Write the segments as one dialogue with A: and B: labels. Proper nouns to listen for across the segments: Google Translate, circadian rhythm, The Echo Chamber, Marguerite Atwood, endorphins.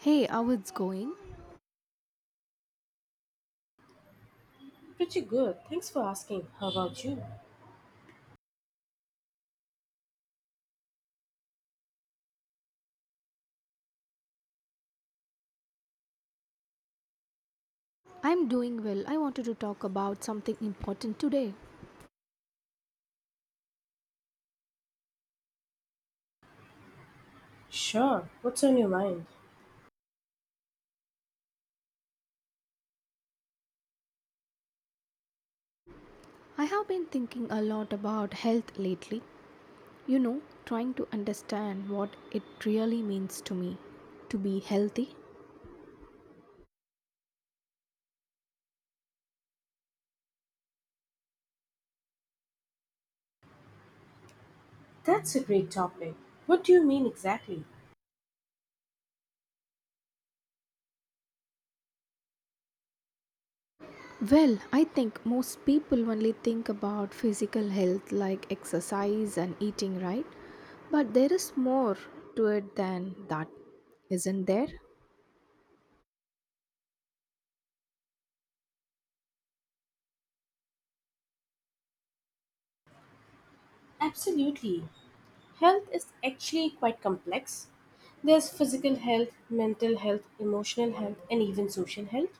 A: Hey, how it's going?
B: Pretty good. Thanks for asking. How about you?
A: I'm doing well. I wanted to talk about something important today.
B: Sure. What's on your mind?
A: I have been thinking a lot about health lately, trying to understand what it really means to me to be healthy.
B: That's a great topic. What do you mean exactly?
A: Well, I think most people only think about physical health like exercise and eating, right? But there is more to it than that, isn't there?
B: Absolutely. Health is actually quite complex. There's physical health, mental health, emotional health, and even social health.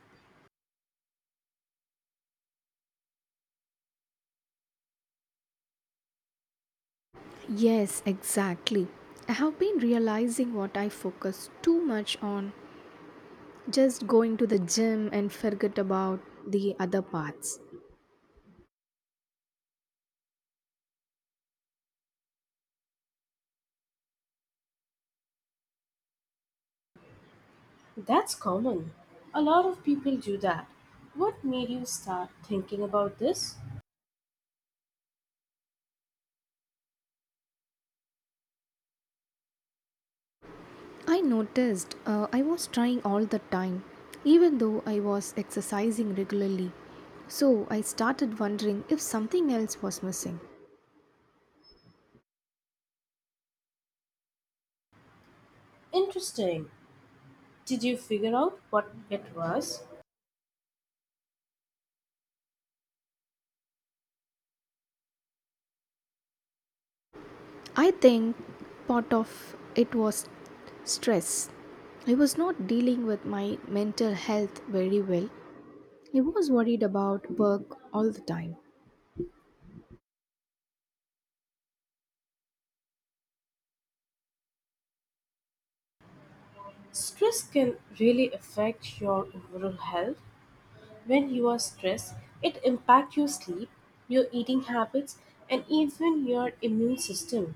A: Yes, exactly. I have been realizing what I focus too much on just going to the gym and forget about the other parts.
B: That's common. A lot of people do that. What made you start thinking about this?
A: I noticed I was trying all the time, even though I was exercising regularly. So I started wondering if something else was missing.
B: Interesting. Did you figure out what it was?
A: I think part of it was stress. I was not dealing with my mental health very well. I was worried about work all the time.
B: Stress can really affect your overall health. When you are stressed, it impacts your sleep, your eating habits, and even your immune system.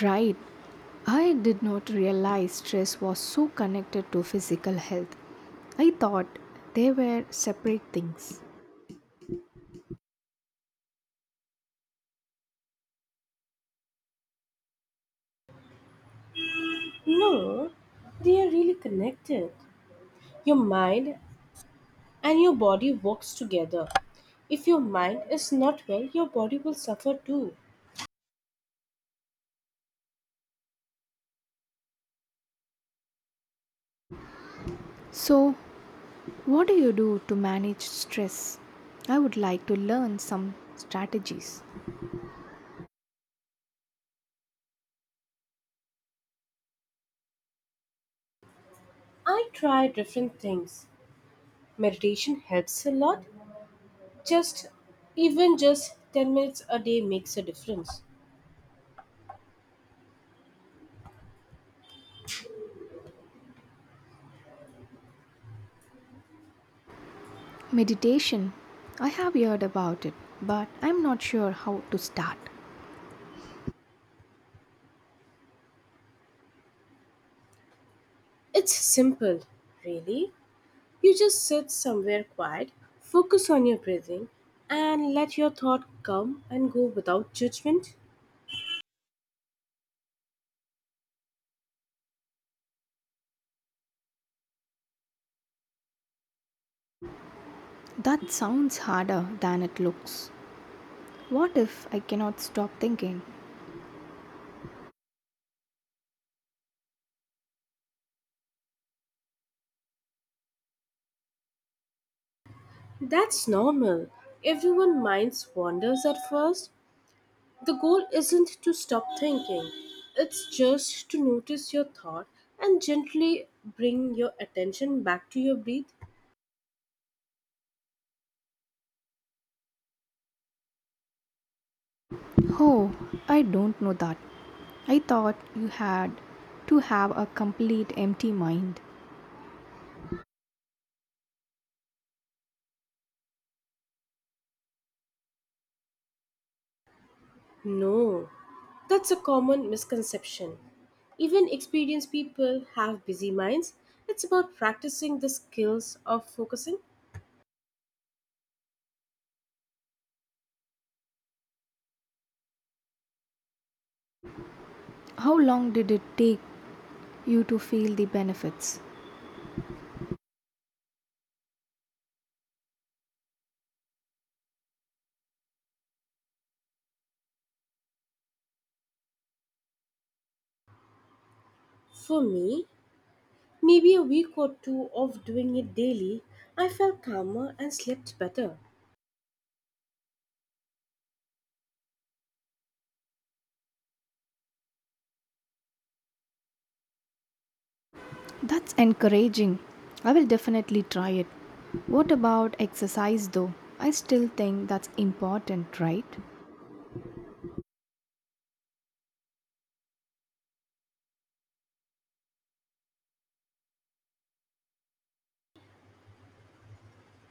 A: Right. I did not realize stress was so connected to physical health. I thought they were separate things.
B: No, they are really connected. Your mind and your body works together. If your mind is not well, your body will suffer too.
A: So, what do you do to manage stress? I would like to learn some strategies.
B: I try different things. Meditation helps a lot. Just Even just 10 minutes a day makes a difference.
A: Meditation. I have heard about it, but I'm not sure how to start.
B: It's simple, really. You just sit somewhere quiet, focus on your breathing, and let your thought come and go without judgment.
A: That sounds harder than it looks. What if I cannot stop thinking?
B: That's normal. Everyone minds wanders at first. The goal isn't to stop thinking. It's just to notice your thought and gently bring your attention back to your breath.
A: Oh, I don't know that. I thought you had to have a complete empty mind.
B: No, that's a common misconception. Even experienced people have busy minds. It's about practicing the skills of focusing.
A: How long did it take you to feel the benefits?
B: For me, maybe a week or two of doing it daily, I felt calmer and slept better.
A: That's encouraging. I will definitely try it. What about exercise though? I still think that's important, right?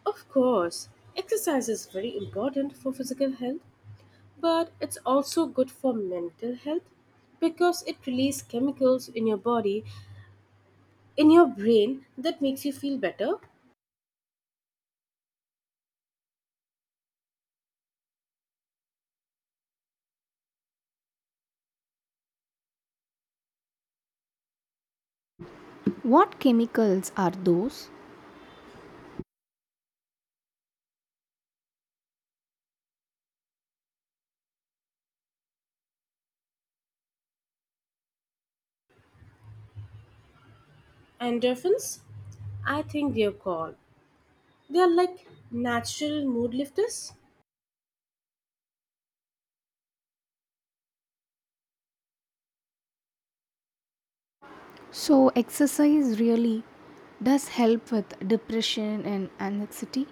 B: Of course, exercise is very important for physical health, but it's also good for mental health because it releases chemicals in your body, in your brain that makes you feel better.
A: What chemicals are those?
B: Endorphins, I think they're called. They are like natural mood lifters.
A: So, exercise really does help with depression and anxiety.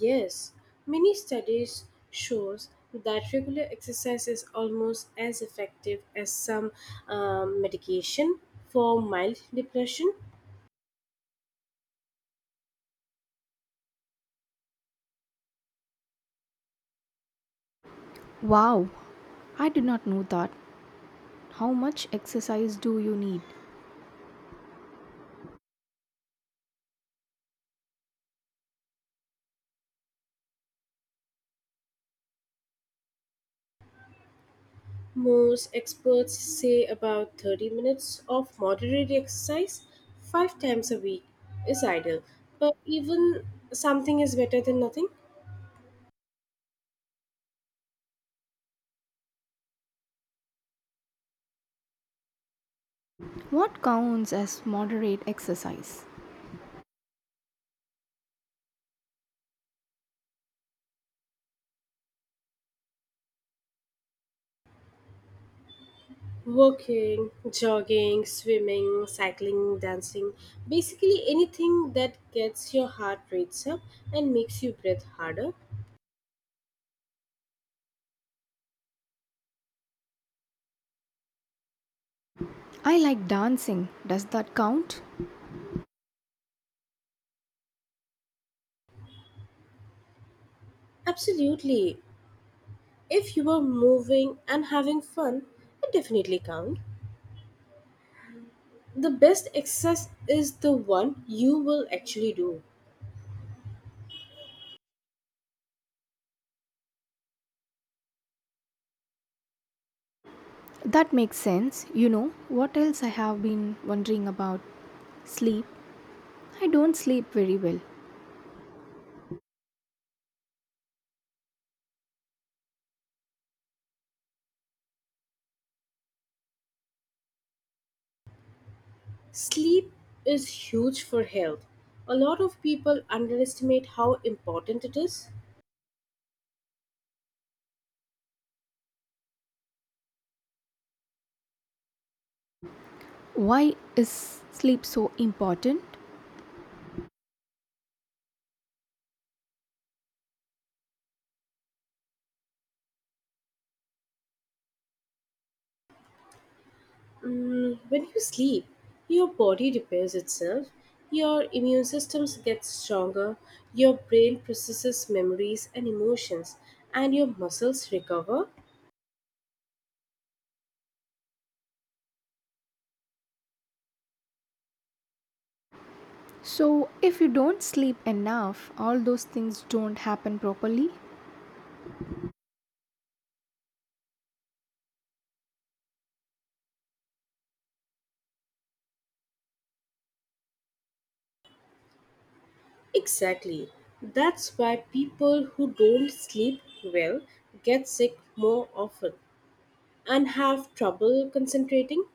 B: Yes, many studies shows that regular exercise is almost as effective as some medication for mild depression.
A: Wow, I did not know that. How much exercise do you need?
B: Most experts say about 30 minutes of moderate exercise 5 times a week is ideal, but even something is better than nothing.
A: What counts as moderate exercise?
B: Walking, jogging, swimming, cycling, dancing, basically anything that gets your heart rates up and makes you breathe harder.
A: I like dancing. Does that count?
B: Absolutely. If you are moving and having fun, it definitely counts. The best exercise is the one you will actually do.
A: That makes sense. What else I have been wondering about? Sleep. I don't sleep very well.
B: Sleep is huge for health. A lot of people underestimate how important it is.
A: Why is sleep so important?
B: When you sleep, your body repairs itself, your immune systems get stronger, your brain processes memories and emotions, and your muscles recover.
A: So, if you don't sleep enough, all those things don't happen properly.
B: Exactly. That's why people who don't sleep well get sick more often and have trouble concentrating.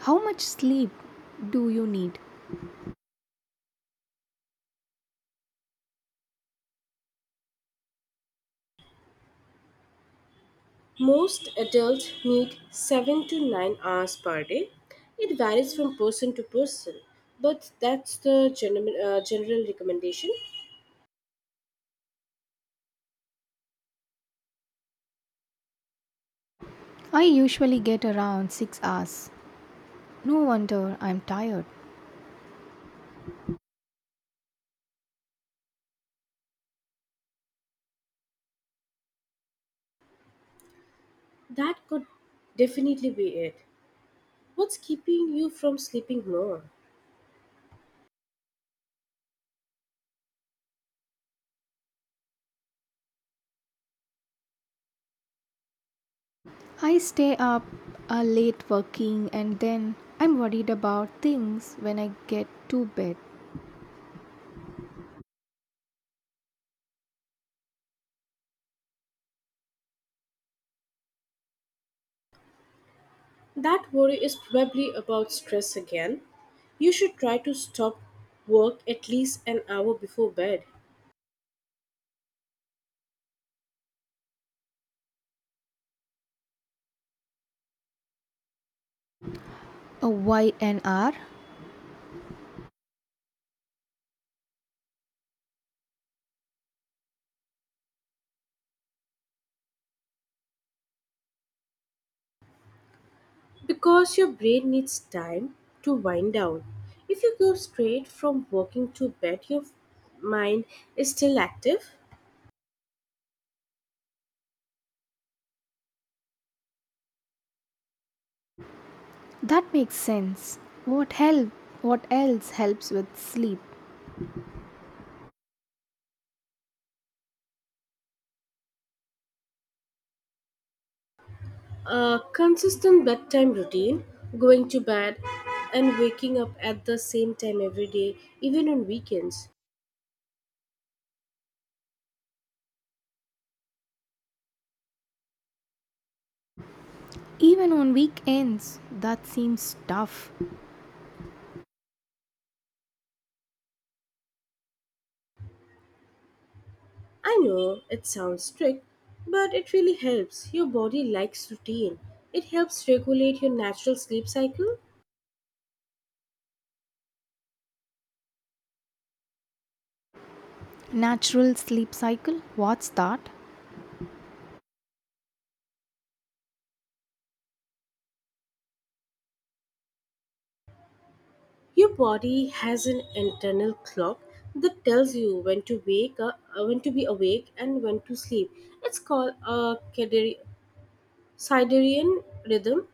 A: How much sleep do you need?
B: Most adults need 7 to 9 hours per day. It varies from person to person, but that's the general recommendation.
A: I usually get around 6 hours. No wonder I'm tired.
B: That could definitely be it. What's keeping you from sleeping more?
A: I stay up late working and then I'm worried about things when I get to bed.
B: That worry is probably about stress again. You should try to stop work at least an hour before bed
A: A why an hour?
B: because your brain needs time to wind down. If you go straight from working to bed, your mind is still active.
A: That makes sense. What help? What else helps with sleep?
B: A consistent bedtime routine, going to bed and waking up at the same time every day, even on weekends.
A: Even on weekends, that seems tough.
B: I know it sounds strict, but it really helps. Your body likes routine. It helps regulate your natural sleep cycle.
A: Natural sleep cycle? What's that?
B: Your body has an internal clock that tells you when to wake up, when to be awake and when to sleep. It's called a circadian rhythm.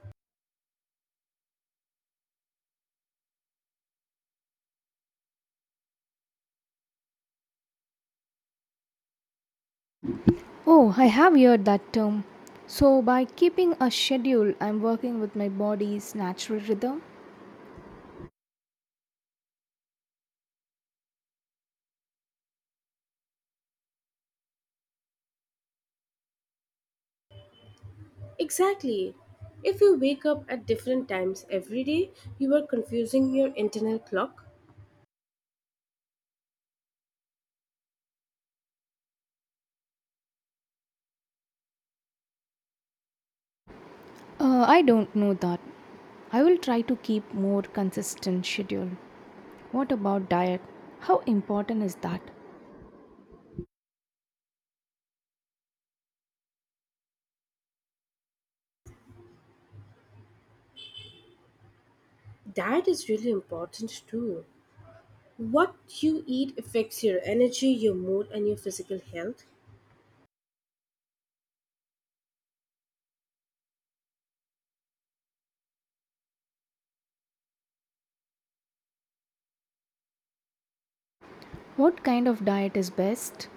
A: Oh, I have heard that term. So, by keeping a schedule, I'm working with my body's natural rhythm.
B: Exactly. If you wake up at different times every day, you are confusing your internal clock.
A: I don't know that. I will try to keep more consistent schedule. What about diet? How important is that?
B: Diet is really important too. What you eat affects your energy, your mood, and your physical health.
A: What kind of diet is best?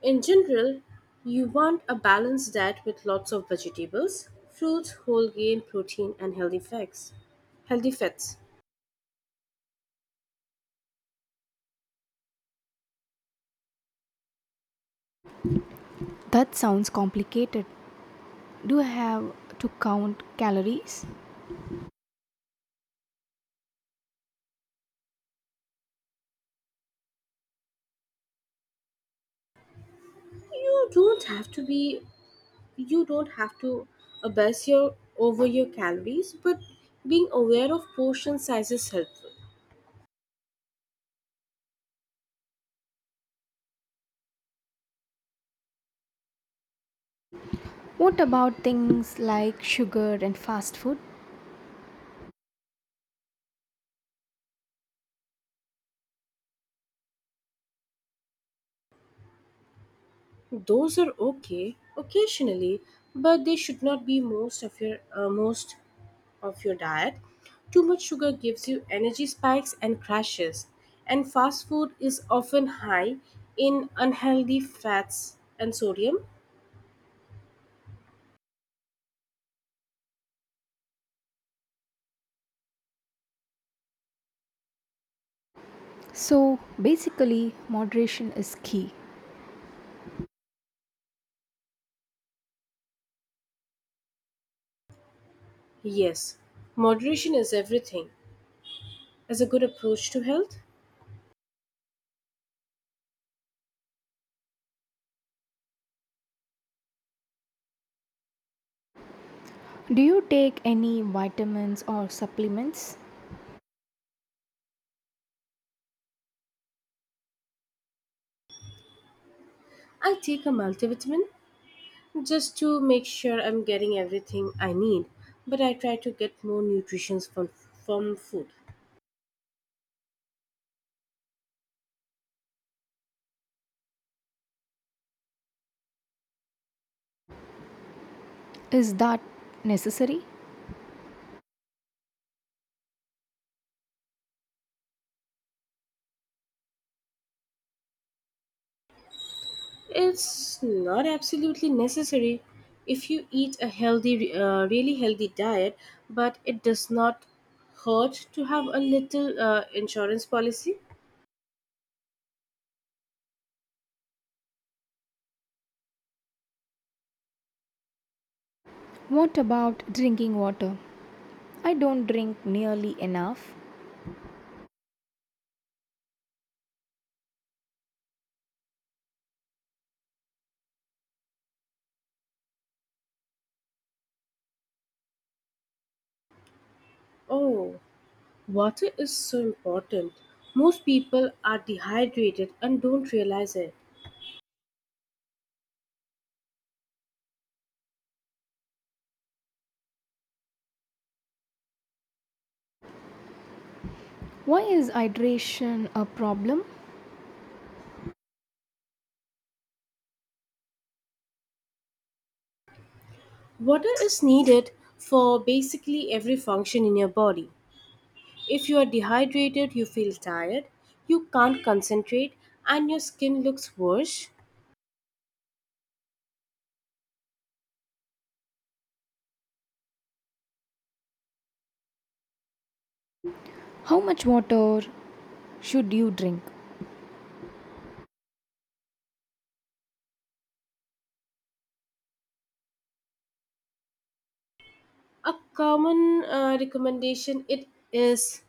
B: In general, you want a balanced diet with lots of vegetables, fruits, whole grain, protein, and healthy fats. Healthy fats.
A: That sounds complicated. Do I have to count calories?
B: You don't have to be. You don't have to obsess your over your calories, but being aware of portion size is helpful.
A: What about things like sugar and fast food?
B: Those are okay occasionally, but they should not be most of your diet. Too much sugar gives you energy spikes and crashes, and fast food is often high in unhealthy fats and sodium.
A: So basically, moderation is key.
B: Yes, moderation is everything. As a good approach to health,
A: Do you take any vitamins or supplements?
B: I take a multivitamin just to make sure I'm getting everything I need, but I try to get more nutrition from food.
A: Is that necessary?
B: It's not absolutely necessary if you eat a really healthy diet, but it does not hurt to have a little insurance policy.
A: What about drinking water? I don't drink nearly enough.
B: Oh, water is so important. Most people are dehydrated and don't realize it.
A: Why is hydration a problem?
B: Water is needed for basically every function in your body. If you are dehydrated, you feel tired, you can't concentrate, and your skin looks worse.
A: How much water should you drink?
B: A common recommendation it is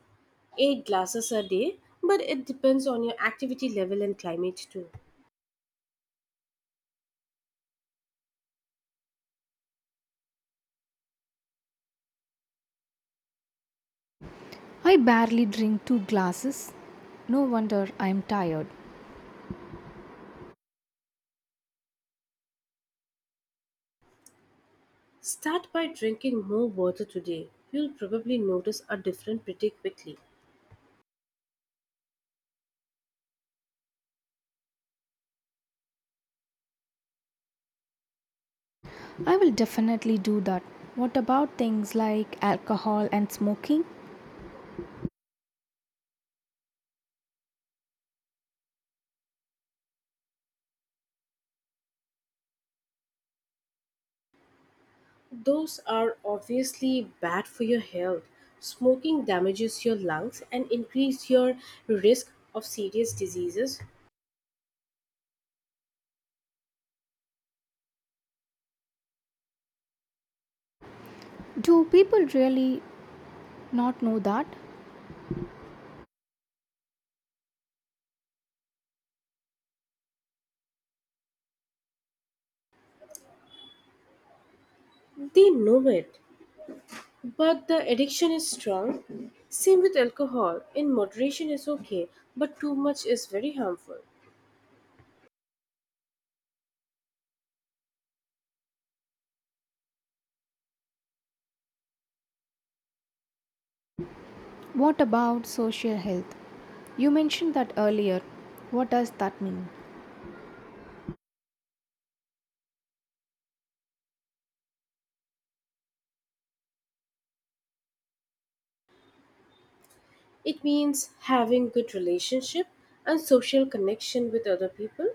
B: 8 glasses a day, but it depends on your activity level and climate too.
A: I barely drink two glasses. No wonder I am tired.
B: Start by drinking more water today. You'll probably notice a difference pretty quickly.
A: I will definitely do that. What about things like alcohol and smoking?
B: Those are obviously bad for your health. Smoking damages your lungs and increase your risk of serious diseases.
A: Do people really not know that?
B: They know it. But the addiction is strong. Same with alcohol. In moderation is okay, but too much is very harmful.
A: What about social health? You mentioned that earlier. What does that mean?
B: It means having good relationship and social connection with other people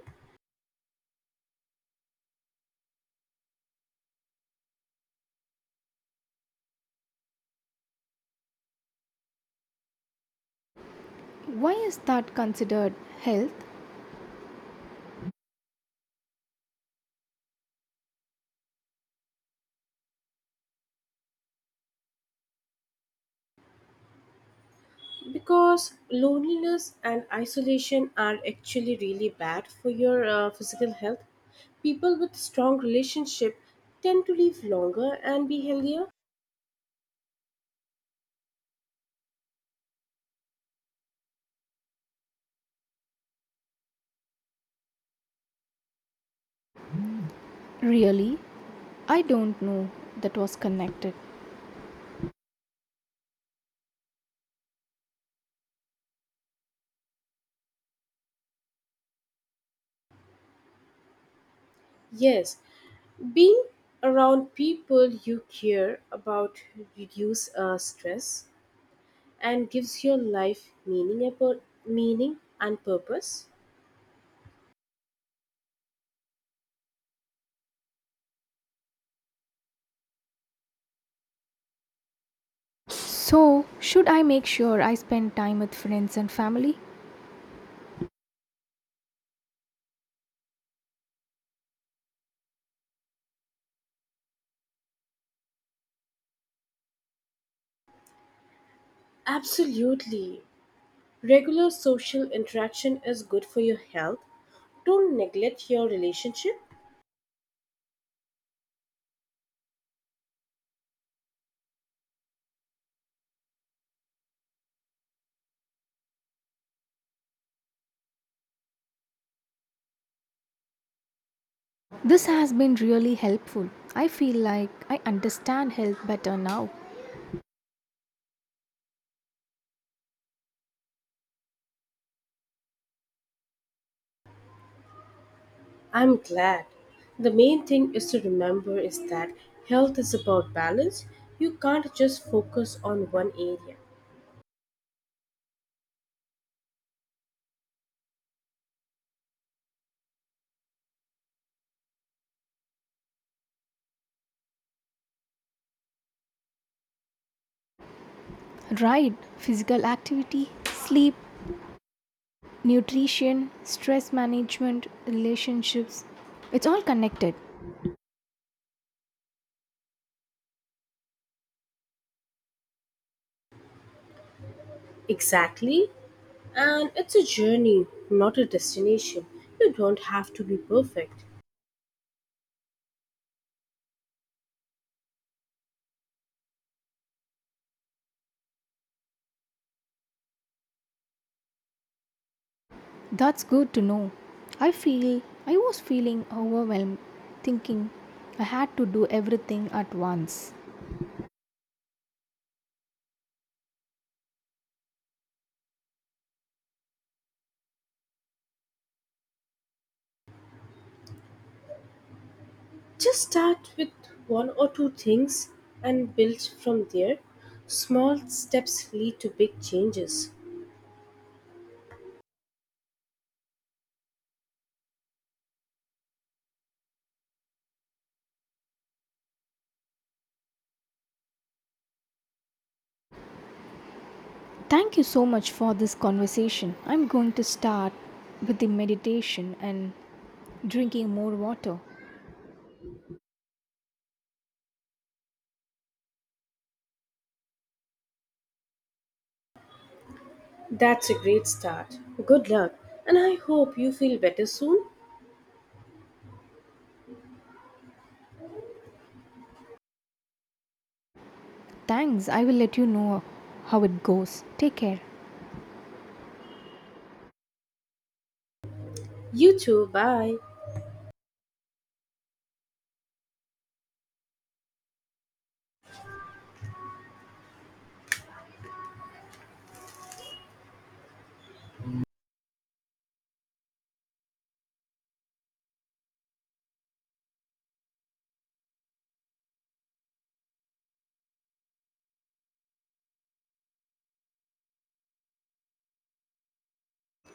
A: Why is that considered health?
B: because loneliness and isolation are actually really bad for your physical health. People with strong relationship tend to live longer and be healthier.
A: Really? I don't know that was connected.
B: Yes, being around people you care about reduce stress and gives your life meaning and purpose.
A: So, should I make sure I spend time with friends and family?
B: Absolutely. Regular social interaction is good for your health. Don't neglect your relationship.
A: This has been really helpful. I feel like I understand health better now.
B: I'm glad. The main thing is to remember is that health is about balance. You can't just focus on one area.
A: Right, physical activity, sleep, nutrition, stress management, relationships. It's all connected.
B: Exactly. And it's a journey, not a destination. You don't have to be perfect.
A: That's good to know. I feel I was feeling overwhelmed, thinking I had to do everything at once.
B: Just start with one or two things and build from there. Small steps lead to big changes.
A: Thank you so much for this conversation. I'm going to start with the meditation and drinking more water.
B: That's a great start. Good luck, and I hope you feel better soon.
A: Thanks, I will let you know how it goes. Take care.
B: You too, bye.